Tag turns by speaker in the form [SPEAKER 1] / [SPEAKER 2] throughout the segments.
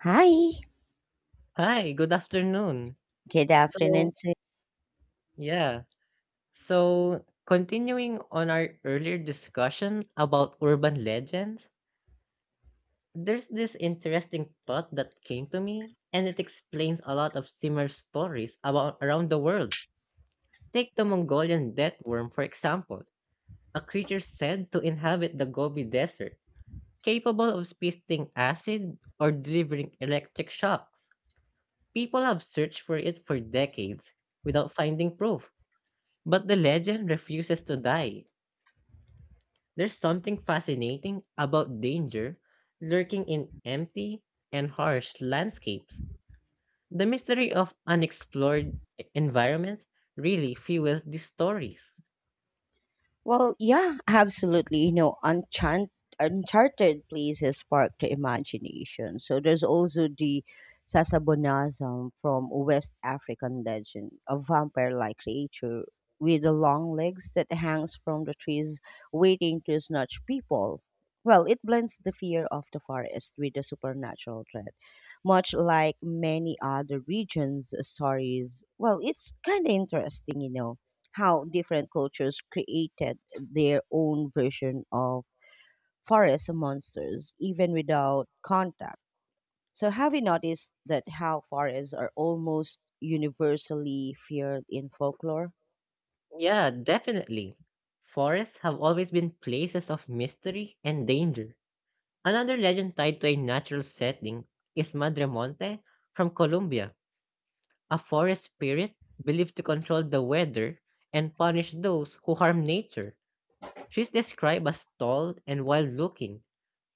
[SPEAKER 1] Hi.
[SPEAKER 2] Hi, good afternoon.
[SPEAKER 1] Good
[SPEAKER 2] So,
[SPEAKER 1] afternoon.
[SPEAKER 2] yeah. Continuing on our earlier discussion about urban legends, there's this interesting thought that came to me, and it explains a lot of similar stories about around the world. Take the Mongolian death worm, for example, a creature said to inhabit the Gobi Desert, capable of spitting acid or delivering electric shocks. People have searched for it for decades without finding proof. But the legend refuses to die. There's something fascinating about danger lurking in empty and harsh landscapes. The mystery of unexplored environments really fuels these stories.
[SPEAKER 1] Absolutely. You know, uncharted places spark the imagination. So there's also the Sasabonazam from West African legend, a vampire-like creature with the long legs that hangs from the trees, waiting to snatch people. Well, it blends the fear of the forest with the supernatural threat, much like many other regions' stories. Well, it's kind of interesting, you know, how different cultures created their own version of forest monsters even without contact. So, have you noticed that how forests are almost universally feared in folklore?
[SPEAKER 2] Yeah, definitely. Forests have always been places of mystery and danger. Another legend tied to a natural setting is Madre Monte from Colombia, a forest spirit believed to control the weather and punish those who harm nature. She's described as tall and wild looking,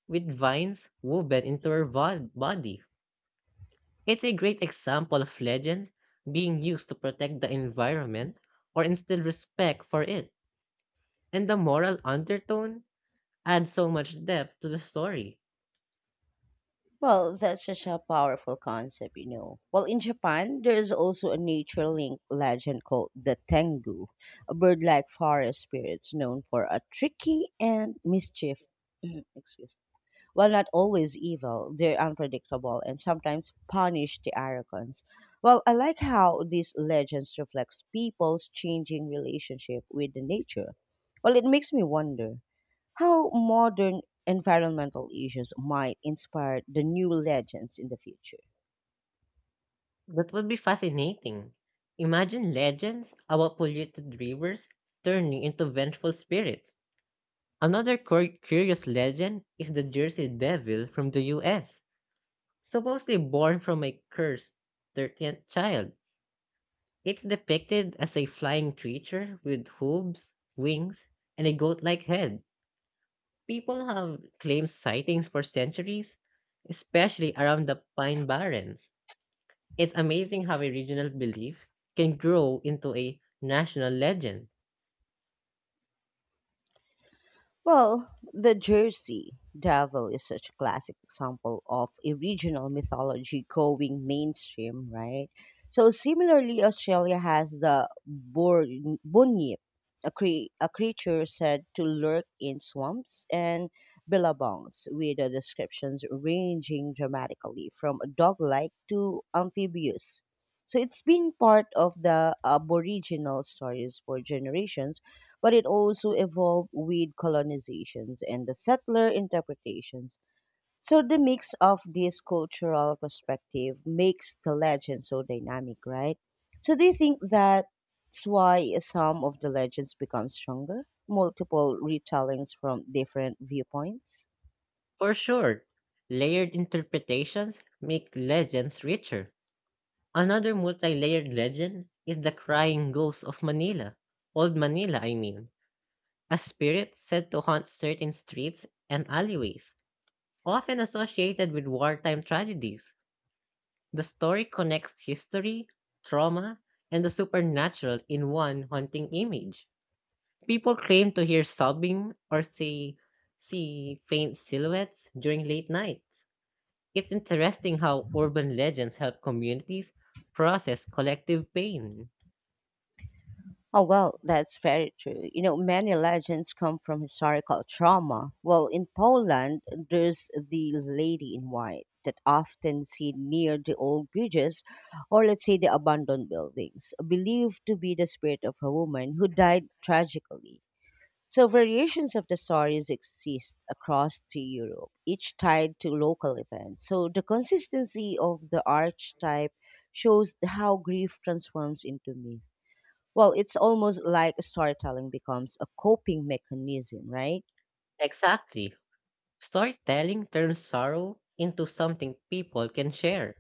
[SPEAKER 2] with vines woven into her body. It's a great example of legends being used to protect the environment or instill respect for it. And the moral undertone adds so much depth to the story.
[SPEAKER 1] Well, that's such a powerful concept, you know. Well, in Japan, there is also a nature link legend called the Tengu, a bird like forest spirits known for a tricky and mischief. Excuse. While not always evil, they're unpredictable and sometimes punish the arrogance. Well, I like how these legends reflects people's changing relationship with the nature. Well, it makes me wonder how modern environmental issues might inspire the new legends in the future.
[SPEAKER 2] That would be fascinating. Imagine legends about polluted rivers turning into vengeful spirits. Another curious legend is the Jersey Devil from the US, supposedly born from a cursed 13th child. It's depicted as a flying creature with hooves, wings, and a goat like head. People have claimed sightings for centuries, especially around the Pine Barrens. It's amazing how a regional belief can grow into a national legend.
[SPEAKER 1] Well, the Jersey Devil is such a classic example of a regional mythology going mainstream, right? So similarly, Australia has the bunyip, a creature said to lurk in swamps and billabongs, with the descriptions ranging dramatically from dog-like to amphibious. So it's been part of the Aboriginal stories for generations but it also evolved with colonizations and the settler interpretations. So the mix of this cultural perspective makes the legend so dynamic, right? So do you think that's why some of the legends become stronger? Multiple retellings from different viewpoints?
[SPEAKER 2] For sure, layered interpretations make legends richer. Another multi-layered legend is the crying ghost of Manila, Old Manila, I mean, a spirit said to haunt certain streets and alleyways, often associated with wartime tragedies. The story connects history, trauma, and the supernatural in one haunting image. People claim to hear sobbing or see faint silhouettes during late nights. It's interesting how urban legends help communities process collective pain.
[SPEAKER 1] Oh, well, that's very true. You know, many legends come from historical trauma. Well, in Poland, there's the lady in white that often seen near the old bridges or let's say the abandoned buildings, believed to be the spirit of a woman who died tragically. So variations of the stories exist across to Europe, each tied to local events. So the consistency of the archetype shows how grief transforms into myth. Well, it's almost like storytelling becomes a coping mechanism, right?
[SPEAKER 2] Exactly. Storytelling turns sorrow into something people can share.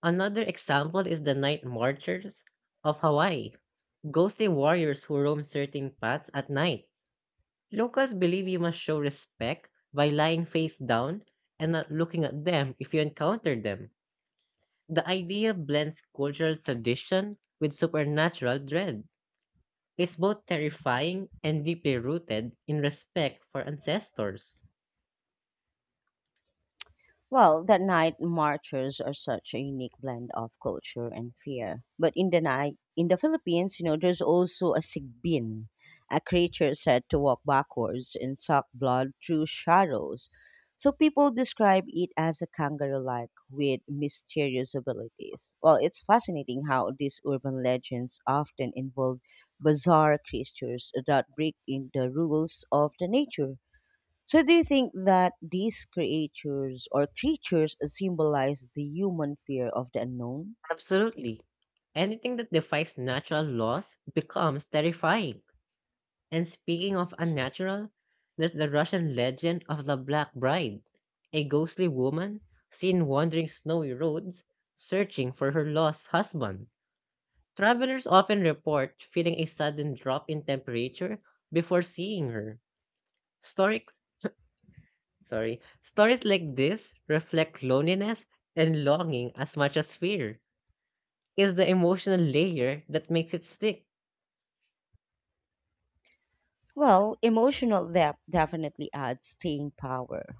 [SPEAKER 2] Another example is the night marchers of Hawaii, ghostly warriors who roam certain paths at night. Locals believe you must show respect by lying face down and not looking at them if you encounter them. The idea blends cultural tradition with supernatural dread. It's both terrifying and deeply rooted in respect for ancestors.
[SPEAKER 1] Well, that night marchers are such a unique blend of culture and fear. But in the night, in the Philippines, you know, there's also a sigbin, a creature said to walk backwards and suck blood through shadows. So people describe it as a kangaroo-like with mysterious abilities. Well, it's fascinating how these urban legends often involve bizarre creatures that break in the rules of the nature. So, do you think that these creatures or creatures symbolize the human fear of the unknown?
[SPEAKER 2] Absolutely. Anything that defies natural laws becomes terrifying. And speaking of unnatural, there's the Russian legend of the Black Bride, a ghostly woman seen wandering snowy roads searching for her lost husband. Travelers often report feeling a sudden drop in temperature before seeing her. Story, stories like this reflect loneliness and longing as much as fear. Is the emotional layer that makes it stick.
[SPEAKER 1] Well, emotional depth definitely adds staying power.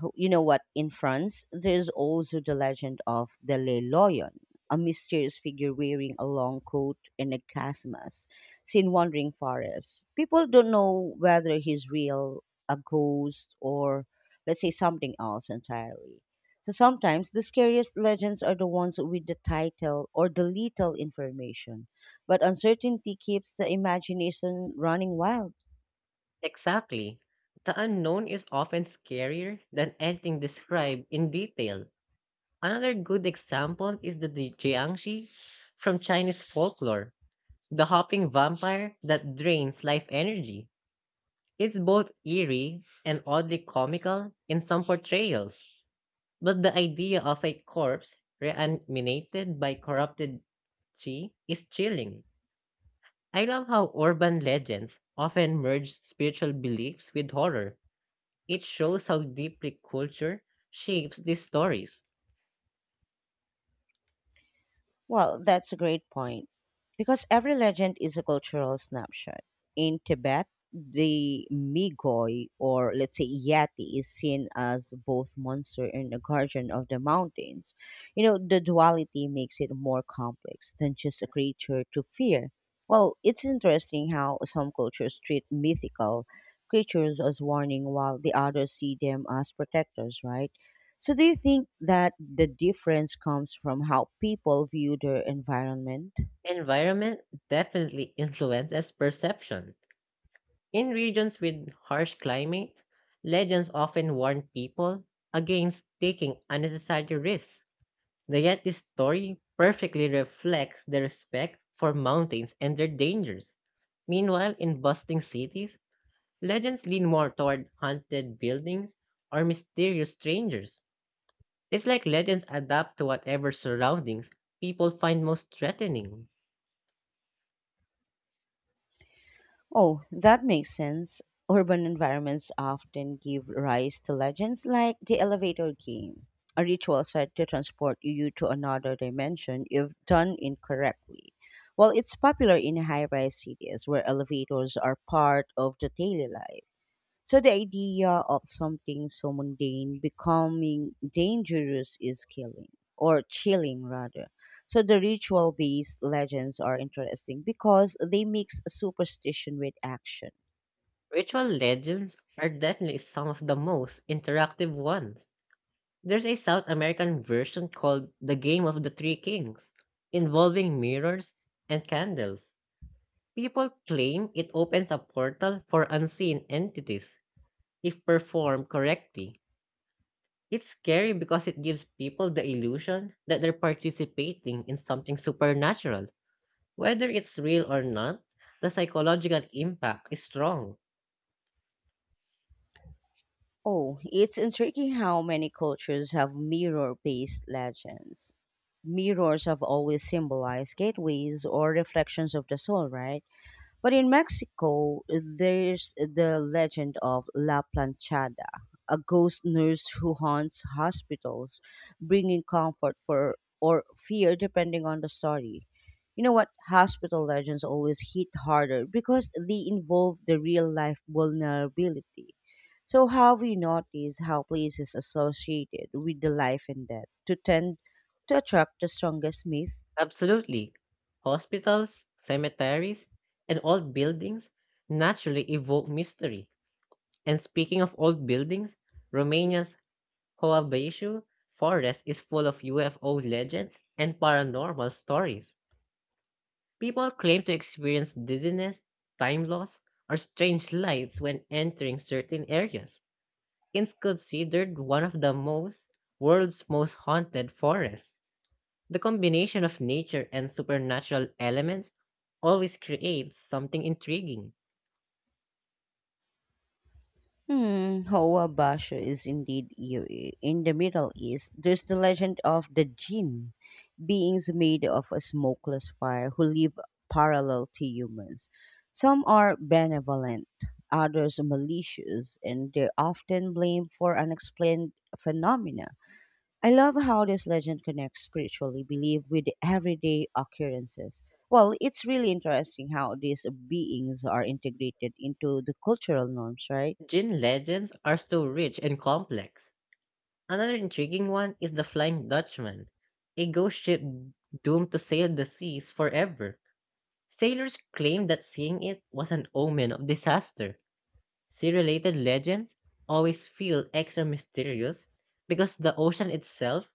[SPEAKER 1] You know what? In France, there's also the legend of the Le Lion, a mysterious figure wearing a long coat and a casmas, seen wandering forests. People don't know whether he's real, a ghost, or let's say something else entirely. So sometimes the scariest legends are the ones with the title or the little information, but uncertainty keeps the imagination running wild.
[SPEAKER 2] Exactly. The unknown is often scarier than anything described in detail. Another good example is the Jiangxi from Chinese folklore, the hopping vampire that drains life energy. It's both eerie and oddly comical in some portrayals, but the idea of a corpse reanimated by corrupted Chi is chilling. I love how urban legends often merge spiritual beliefs with horror. It shows how deeply culture shapes these stories.
[SPEAKER 1] Well, that's a great point. Because every legend is a cultural snapshot. In Tibet, the Migoi, or let's say Yeti, is seen as both monster and a guardian of the mountains. You know, the duality makes it more complex than just a creature to fear. Well, it's interesting how some cultures treat mythical creatures as warning while the others see them as protectors, right? So, do you think that the difference comes from how people view their environment?
[SPEAKER 2] Environment definitely influences perception. In regions with harsh climate, legends often warn people against taking unnecessary risks. And yet this story perfectly reflects the respect for mountains and their dangers. Meanwhile, in bustling cities, legends lean more toward haunted buildings or mysterious strangers. It's like legends adapt to whatever surroundings people find most threatening.
[SPEAKER 1] Oh, that makes sense. Urban environments often give rise to legends like the elevator game, a ritual said to transport you to another dimension if done incorrectly. While it's popular in high rise cities where elevators are part of the daily life. So the idea of something so mundane becoming dangerous is killing or chilling rather. So the ritual based legends are interesting because they mix superstition with action.
[SPEAKER 2] Ritual legends are definitely some of the most interactive ones. There's a South American version called The Game of the Three Kings, involving mirrors and candles. People claim it opens a portal for unseen entities if performed correctly. It's scary because it gives people the illusion that they're participating in something supernatural. Whether it's real or not, the psychological impact is strong.
[SPEAKER 1] Oh, it's intriguing how many cultures have mirror based legends. Mirrors have always symbolized gateways or reflections of the soul, right? But in Mexico, there's the legend of La Planchada, a ghost nurse who haunts hospitals, bringing comfort for or fear depending on the story. You know what? Hospital legends always hit harder because they involve the real life vulnerability. So, how we notice how places associated with the life and death to tend to attract the strongest myth?
[SPEAKER 2] Absolutely. Hospitals, cemeteries, and old buildings naturally evoke mystery. And speaking of old buildings, Romania's Hoabeshu forest is full of UFO legends and paranormal stories. People claim to experience dizziness, time loss, or strange lights when entering certain areas. It's considered one of the most world's most haunted forests. The combination of nature and supernatural elements always creates something intriguing.
[SPEAKER 1] Hmm, Hoa Basho is indeed eerie. In the Middle East, there's the legend of the jinn, beings made of a smokeless fire who live parallel to humans. Some are benevolent, others malicious, and they're often blamed for unexplained phenomena. I love how this legend connects spiritually belief with everyday occurrences. Well, it's really interesting how these beings are integrated into the cultural norms, right?
[SPEAKER 2] Jin legends are so rich and complex. Another intriguing one is the Flying Dutchman, a ghost ship doomed to sail the seas forever. Sailors claim that seeing it was an omen of disaster. Sea related legends always feel extra mysterious because the ocean itself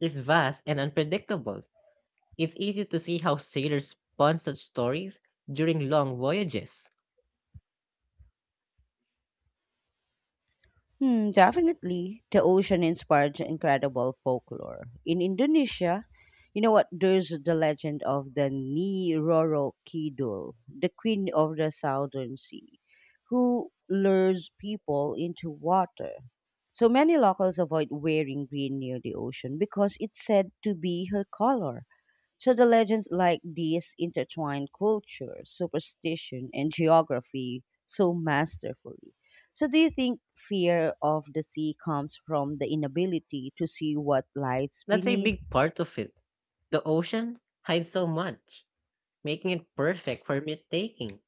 [SPEAKER 2] is vast and unpredictable. It's easy to see how sailors spun such stories during long voyages.
[SPEAKER 1] Hmm, definitely, the ocean inspired incredible folklore. In Indonesia, you know what? There's the legend of the Nyi Roro Kidul, the queen of the southern sea, who lures people into water. So many locals avoid wearing green near the ocean because it's said to be her color. So the legends like these intertwine culture, superstition, and geography so masterfully. So, do you think fear of the sea comes from the inability to see what lies
[SPEAKER 2] That's a
[SPEAKER 1] beneath?
[SPEAKER 2] big part of it. The ocean hides so much, making it perfect for myth-taking.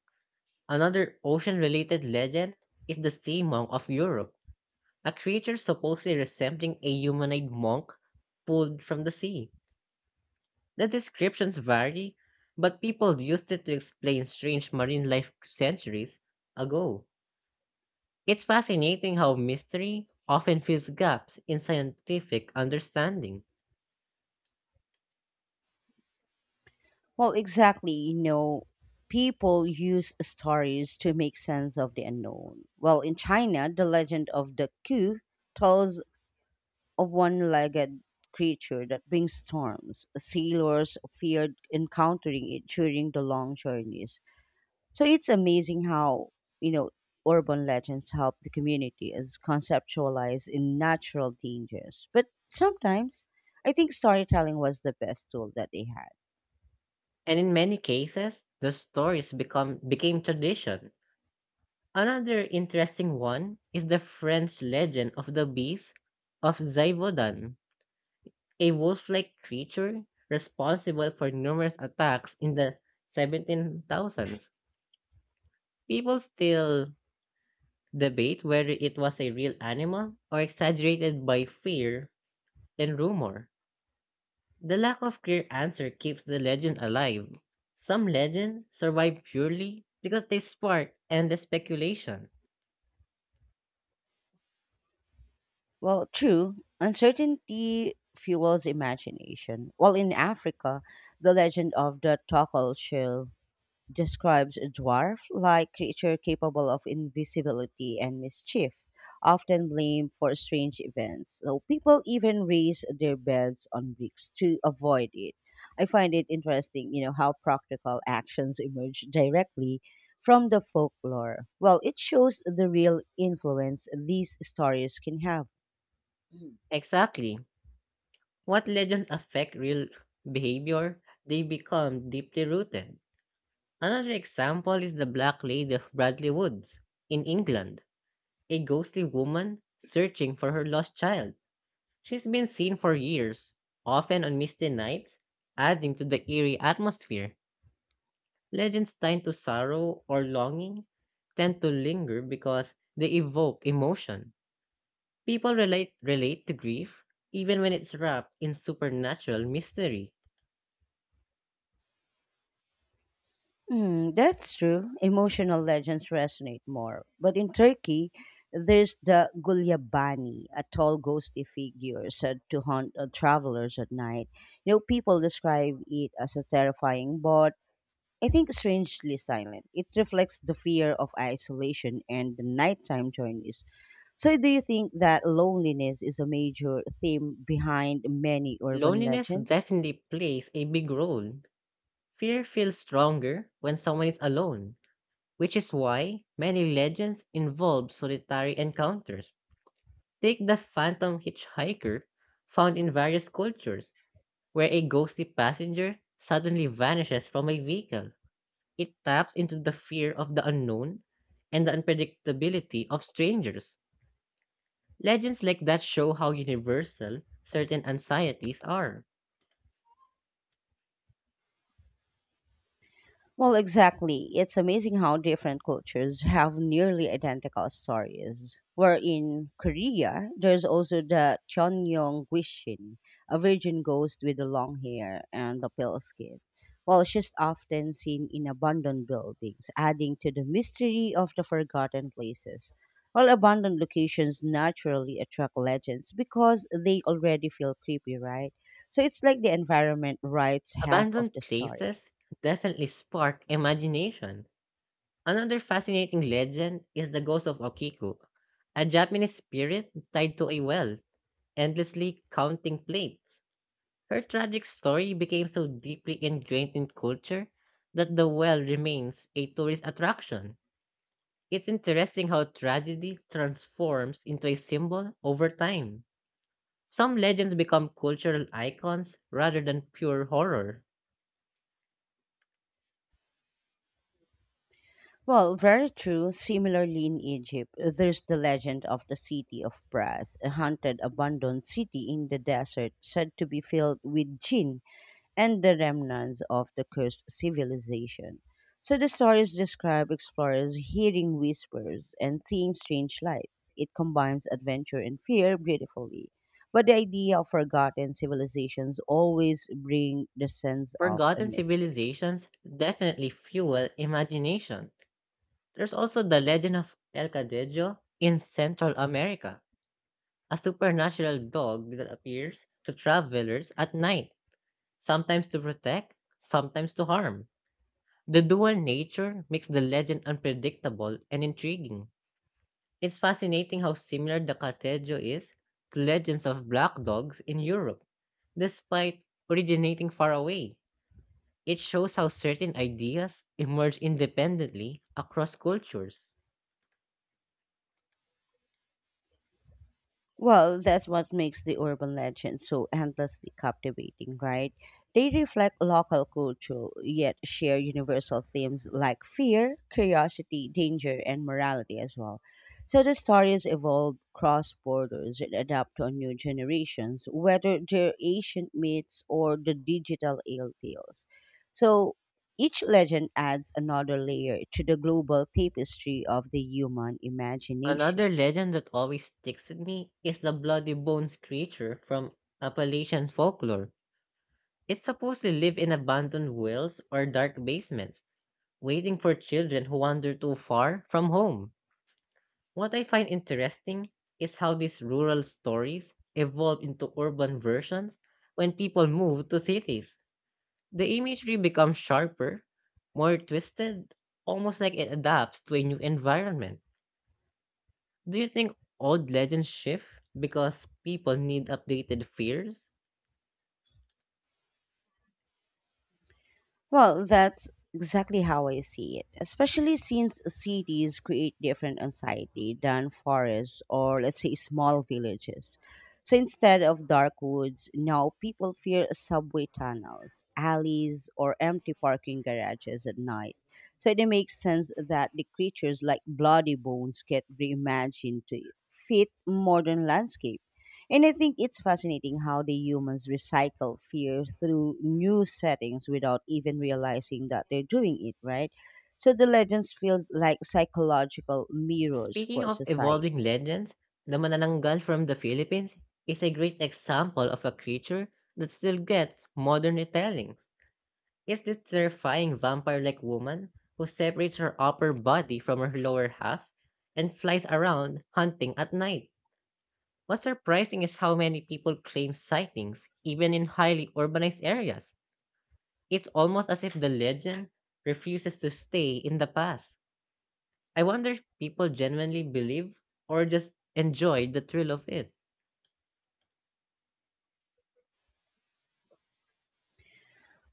[SPEAKER 2] Another ocean-related legend is the sea monk of Europe, a creature supposedly resembling a humanoid monk pulled from the sea. The descriptions vary, but people used it to explain strange marine life centuries ago. It's fascinating how mystery often fills gaps in scientific understanding,
[SPEAKER 1] Well, exactly. You know, people use stories to make sense of the unknown. Well, in China, the legend of the Q tells of one legged creature that brings storms. Sailors feared encountering it during the long journeys. So it's amazing how, you know, urban legends help the community as conceptualize in natural dangers. But sometimes I think storytelling was the best tool that they had.
[SPEAKER 2] and in many cases, the stories become became tradition. Another interesting one is the French legend of the beast of Zaivodan, a wolf-like creature responsible for numerous attacks in the 17,000s. People still debate whether it was a real animal or exaggerated by fear and rumor. The lack of clear answer keeps the legend alive. Some legends survive purely because they spark endless speculation.
[SPEAKER 1] Well, true, uncertainty fuels imagination. Well, in Africa, the legend of the Tokol Shell describes a dwarf like creature capable of invisibility and mischief, often blamed for strange events. So people even raise their beds on bricks to avoid it. I find it interesting, you know, how practical actions emerge directly from the folklore. Well, it shows the real influence these stories can have.
[SPEAKER 2] Exactly. What legends affect real behavior, they become deeply rooted. Another example is the Black Lady of Bradley Woods in England, a ghostly woman searching for her lost child. She's been seen for years, often on misty nights, adding to the eerie atmosphere. Legends tied to sorrow or longing tend to linger because they evoke emotion. People relate to grief even when it's wrapped in supernatural mystery.
[SPEAKER 1] Hmm, that's true. Emotional legends resonate more. But in Turkey, there's the Gulyabani, a tall ghostly figure said to haunt travelers at night. You know, people describe it as a terrifying, but I think strangely silent. It reflects the fear of isolation and the nighttime journeys. So, do you think that loneliness is a major theme behind many urban
[SPEAKER 2] Loneliness
[SPEAKER 1] legends?
[SPEAKER 2] definitely plays a big role. Fear feels stronger when someone is alone, which is why many legends involve solitary encounters. Take the phantom hitchhiker found in various cultures, where a ghostly passenger suddenly vanishes from a vehicle. It taps into the fear of the unknown and the unpredictability of strangers. Legends like that show how universal certain anxieties are.
[SPEAKER 1] Well, exactly. It's amazing how different cultures have nearly identical stories. Where in Korea, there's also the Chonyong Gwishin, a virgin ghost with the long hair and the pale skin. Well, she's often seen in abandoned buildings, adding to the mystery of the forgotten places. Well, abandoned locations naturally attract legends because they already feel creepy, right? So it's like the environment writes half of
[SPEAKER 2] Abandoned
[SPEAKER 1] the story.
[SPEAKER 2] places definitely spark imagination. Another fascinating legend is the ghost of Okiku, a Japanese spirit tied to a well, endlessly counting plates. Her tragic story became so deeply ingrained in culture that the well remains a tourist attraction. It's interesting how tragedy transforms into a symbol over time. Some legends become cultural icons rather than pure horror.
[SPEAKER 1] Well, very true. Similarly, in Egypt, there's the legend of the city of Brass, a haunted, abandoned city in the desert said to be filled with jinn and the remnants of the cursed civilization. So the stories describe explorers hearing whispers and seeing strange lights. It combines adventure and fear beautifully. But the idea of forgotten civilizations always bring the sense of a
[SPEAKER 2] Forgotten
[SPEAKER 1] mystery.
[SPEAKER 2] civilizations definitely fuel imagination. There's also the legend of El Cadejo in Central America, a supernatural dog that appears to travelers at night, sometimes to protect, sometimes to harm. The dual nature makes the legend unpredictable and intriguing. It's fascinating how similar the Katejo is to legends of black dogs in Europe, despite originating far away. It shows how certain ideas emerge independently across cultures.
[SPEAKER 1] Well, that's what makes the urban legends so endlessly captivating, right? They reflect local culture, yet share universal themes like fear, curiosity, danger, and morality as well. So the stories evolve cross borders and adapt to new generations, whether they're ancient myths or the digital ale tales. So each legend adds another layer to the global tapestry of the human
[SPEAKER 2] Another
[SPEAKER 1] imagination.
[SPEAKER 2] legend that always sticks with me is the Bloody Bones creature from Appalachian folklore. It's supposed to live in abandoned wells or dark basements, waiting for children who wander too far from home. What I find interesting is how these rural stories evolve into urban versions when people move to cities. The imagery becomes sharper, more twisted, almost like it adapts to a new environment. Do you think old legends shift because people need updated fears?
[SPEAKER 1] Well, that's exactly how I see it, especially since cities create different anxiety than forests or, let's say, small villages. So instead of dark woods, now people fear subway tunnels, alleys, or empty parking garages at night. So it makes sense that the creatures like bloody bones get reimagined to fit modern landscapes. And I think it's fascinating how the humans recycle fear through new settings without even realizing that they're doing it, right? So the legends feels like psychological mirrors
[SPEAKER 2] Speaking
[SPEAKER 1] for
[SPEAKER 2] of evolving
[SPEAKER 1] society.
[SPEAKER 2] legends, the manananggal from the Philippines is a great example of a creature that still gets modern retellings. Is this terrifying vampire like woman who separates her upper body from her lower half and flies around hunting at night. What's surprising is how many people claim sightings, even in highly urbanized areas. It's almost as if the legend refuses to stay in the past. I wonder if people genuinely believe or just enjoy the thrill of it.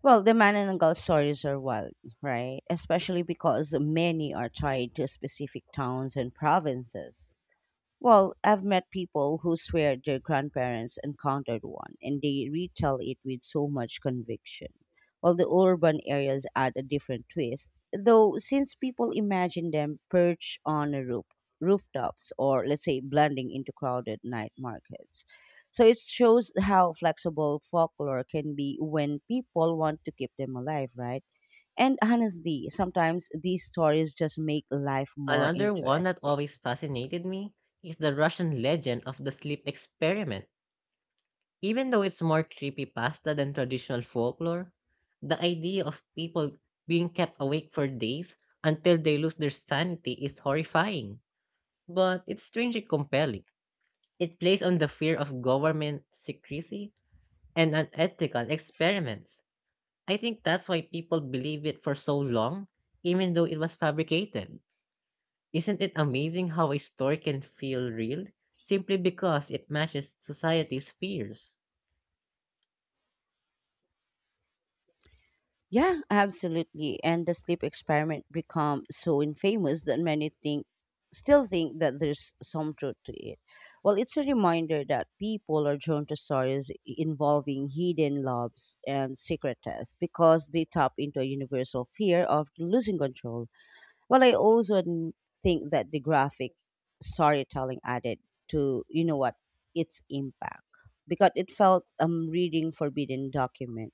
[SPEAKER 1] Well, the Manananggal stories are wild, right? Especially because many are tied to specific towns and provinces. Well, I've met people who swear their grandparents encountered one, and they retell it with so much conviction. While the urban areas add a different twist, though, since people imagine them perched on a roof, rooftops or, let's say, blending into crowded night markets. So it shows how flexible folklore can be when people want to keep them alive, right? And honestly, sometimes these stories just make life more
[SPEAKER 2] Another one that
[SPEAKER 1] interesting.
[SPEAKER 2] always fascinated me is the Russian legend of the sleep experiment. Even though it's more creepypasta than traditional folklore, the idea of people being kept awake for days until they lose their sanity is horrifying, but it's strangely compelling. It plays on the fear of government secrecy and unethical experiments. I think that's why people believe it for so long, even though it was fabricated. Isn't it amazing how a story can feel real simply because it matches society's fears?
[SPEAKER 1] Yeah, absolutely. And the sleep experiment become so infamous that many think still think that there's some truth to it. Well, it's a reminder that people are drawn to stories involving hidden loves and secret tests because they tap into a universal fear of losing control. Well, I also think that the graphic storytelling added to, you know what, its impact because it felt reading forbidden document.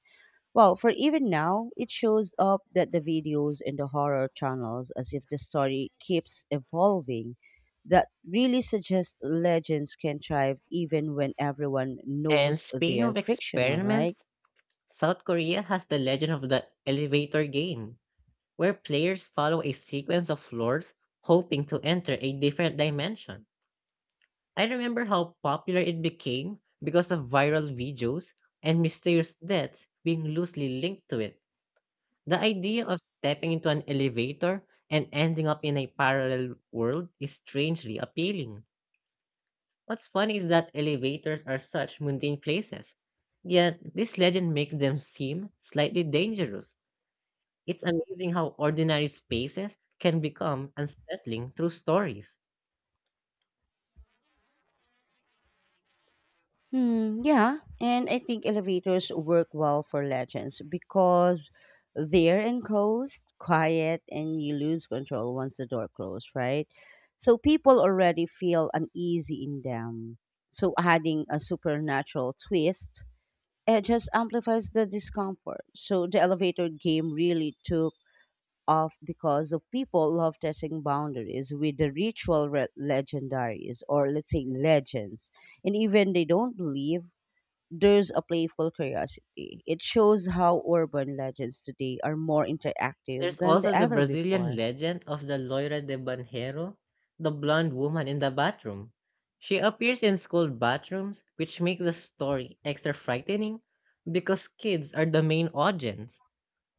[SPEAKER 1] Well, for even now, it shows up that the videos in the horror channels as if the story keeps evolving. That really suggests legends can thrive even when everyone
[SPEAKER 2] And
[SPEAKER 1] knows
[SPEAKER 2] speaking
[SPEAKER 1] they're
[SPEAKER 2] of
[SPEAKER 1] fictional, right?
[SPEAKER 2] experiments, South Korea has the legend of the elevator game, where players follow a sequence of floors hoping to enter a different dimension. I remember how popular it became because of viral videos and mysterious deaths being loosely linked to it. The idea of stepping into an elevator and ending up in a parallel world is strangely appealing. What's funny is that elevators are such mundane places, yet this legend makes them seem slightly dangerous. It's amazing how ordinary spaces can become unsettling through stories.
[SPEAKER 1] Hmm, yeah, and I think elevators work well for legends because they're enclosed, quiet, and you lose control once the door closes, right? So people already feel uneasy in them. So adding a supernatural twist, it just amplifies the discomfort. So the elevator game really took off because of people love testing boundaries with the ritual legendaries or let's say legends and even they don't believe there's a playful curiosity. It shows how urban legends today are more interactive
[SPEAKER 2] There's
[SPEAKER 1] than they
[SPEAKER 2] also the
[SPEAKER 1] ever
[SPEAKER 2] Brazilian
[SPEAKER 1] before.
[SPEAKER 2] legend of the Loira de Banheiro, the blonde woman in the bathroom. She appears in school bathrooms, which makes the story extra frightening because kids are the main audience.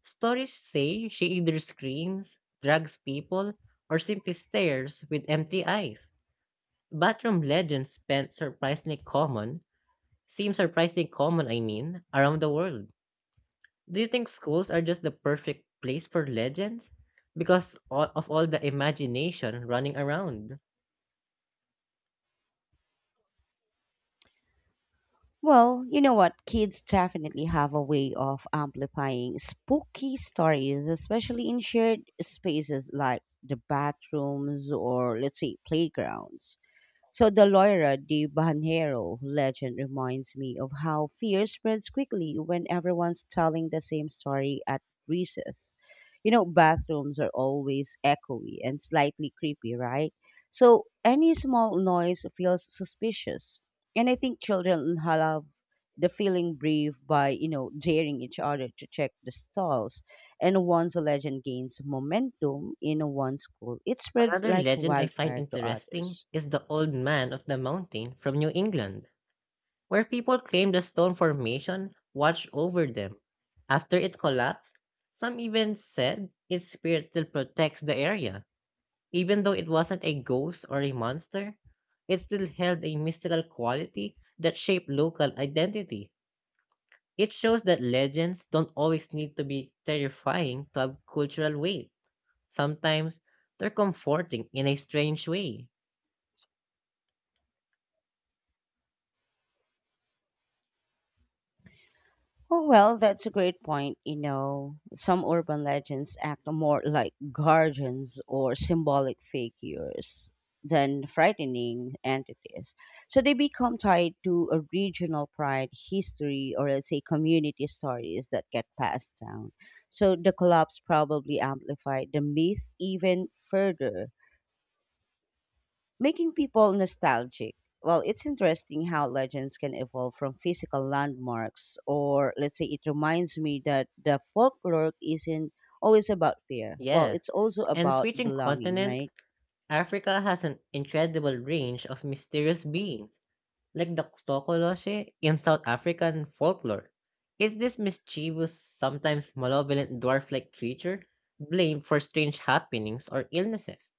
[SPEAKER 2] Stories say she either screams, drags people, or simply stares with empty eyes. Bathroom legends spent surprisingly common seem surprisingly common, I mean, around the world. Do you think schools are just the perfect place for legends? Because of all the imagination running around.
[SPEAKER 1] Well, you know what? Kids definitely have a way of amplifying spooky stories, especially in shared spaces like the bathrooms or, let's say, playgrounds. So the Loira de Banheiro legend reminds me of how fear spreads quickly when everyone's telling the same story at recess. You know, bathrooms are always echoey and slightly creepy, right? So any small noise feels suspicious. And I think children love the feeling brave by, you know, daring each other to check the stalls. And once a legend gains momentum in one school, it spreads
[SPEAKER 2] Another
[SPEAKER 1] like
[SPEAKER 2] legend I find
[SPEAKER 1] wildfire to
[SPEAKER 2] interesting
[SPEAKER 1] others.
[SPEAKER 2] is the Old Man of the Mountain from New England, where people claim the stone formation watched over them. After it collapsed, some even said its spirit still protects the area. Even though it wasn't a ghost or a monster, it still held a mystical quality that shaped local identity. It shows that legends don't always need to be terrifying to have cultural weight. Sometimes they're comforting in a strange way.
[SPEAKER 1] Oh, well, that's a great point. You know, some urban legends act more like guardians or symbolic figures than frightening entities. So they become tied to a regional pride, history, or let's say community stories that get passed down. So the collapse probably amplified the myth even further making people nostalgic. Well, it's interesting how legends can evolve from physical landmarks, or let's say it reminds me that the folklore isn't always about fear. Well,
[SPEAKER 2] Yeah.
[SPEAKER 1] it's also
[SPEAKER 2] And
[SPEAKER 1] about
[SPEAKER 2] switching
[SPEAKER 1] belonging,
[SPEAKER 2] continents,
[SPEAKER 1] right?
[SPEAKER 2] Africa has an incredible range of mysterious beings like the Tokoloshe in South African folklore. Is this mischievous, sometimes malevolent dwarf like creature blamed for strange happenings or illnesses?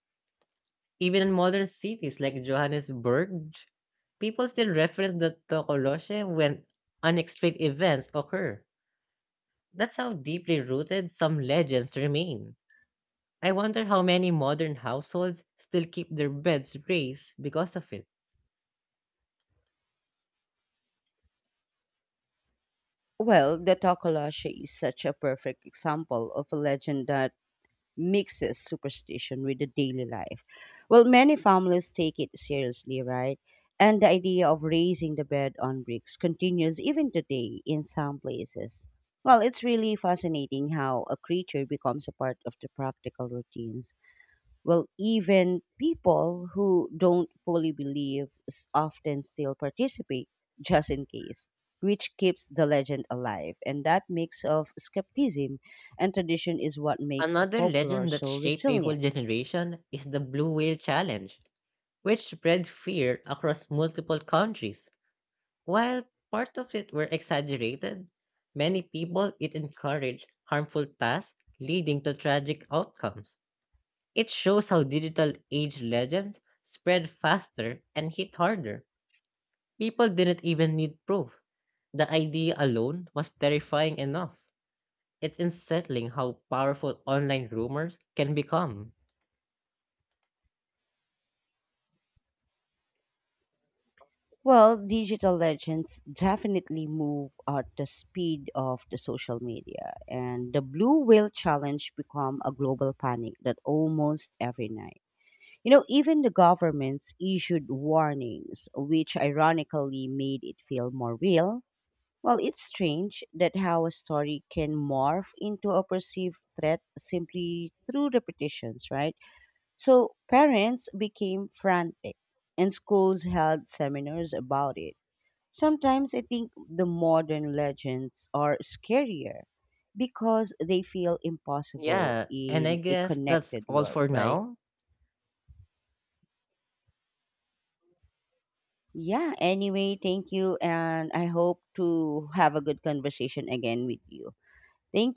[SPEAKER 2] Even in modern cities like Johannesburg, people still reference the Tokoloshe when unexplained events occur. That's how deeply rooted some legends remain. I wonder how many modern households still keep their beds raised because of it.
[SPEAKER 1] Well, the Tokolasha is such a perfect example of a legend that mixes superstition with the daily life. Well, many families take it seriously, right? And the idea of raising the bed on bricks continues even today in some places. Well, it's really fascinating how a creature becomes a part of the practical routines. Well, even people who don't fully believe often still participate just in case, which keeps the legend alive. And that mix of skepticism and tradition is what makes
[SPEAKER 2] Another
[SPEAKER 1] folklore
[SPEAKER 2] legend that
[SPEAKER 1] so
[SPEAKER 2] shaped a whole
[SPEAKER 1] resilient.
[SPEAKER 2] generation is the Blue Whale Challenge, which spread fear across multiple countries. While part of it were exaggerated, many people it encouraged harmful tasks leading to tragic outcomes. It shows how digital age legends spread faster and hit harder. People didn't even need proof. The idea alone was terrifying enough. It's unsettling how powerful online rumors can become.
[SPEAKER 1] Well, digital legends definitely move at the speed of the social media, and the blue whale challenge become a global panic that almost every night. You know, even the governments issued warnings, which ironically made it feel more real. Well, it's strange that how a story can morph into a perceived threat simply through repetitions, right? So parents became frantic and schools held seminars about it. Sometimes I think the modern legends are scarier because they feel impossible
[SPEAKER 2] Yeah, and I
[SPEAKER 1] in a
[SPEAKER 2] guess that's
[SPEAKER 1] connected
[SPEAKER 2] all
[SPEAKER 1] world,
[SPEAKER 2] for
[SPEAKER 1] right?
[SPEAKER 2] now.
[SPEAKER 1] Yeah, anyway, thank you. And I hope to have a good conversation again with you. Thank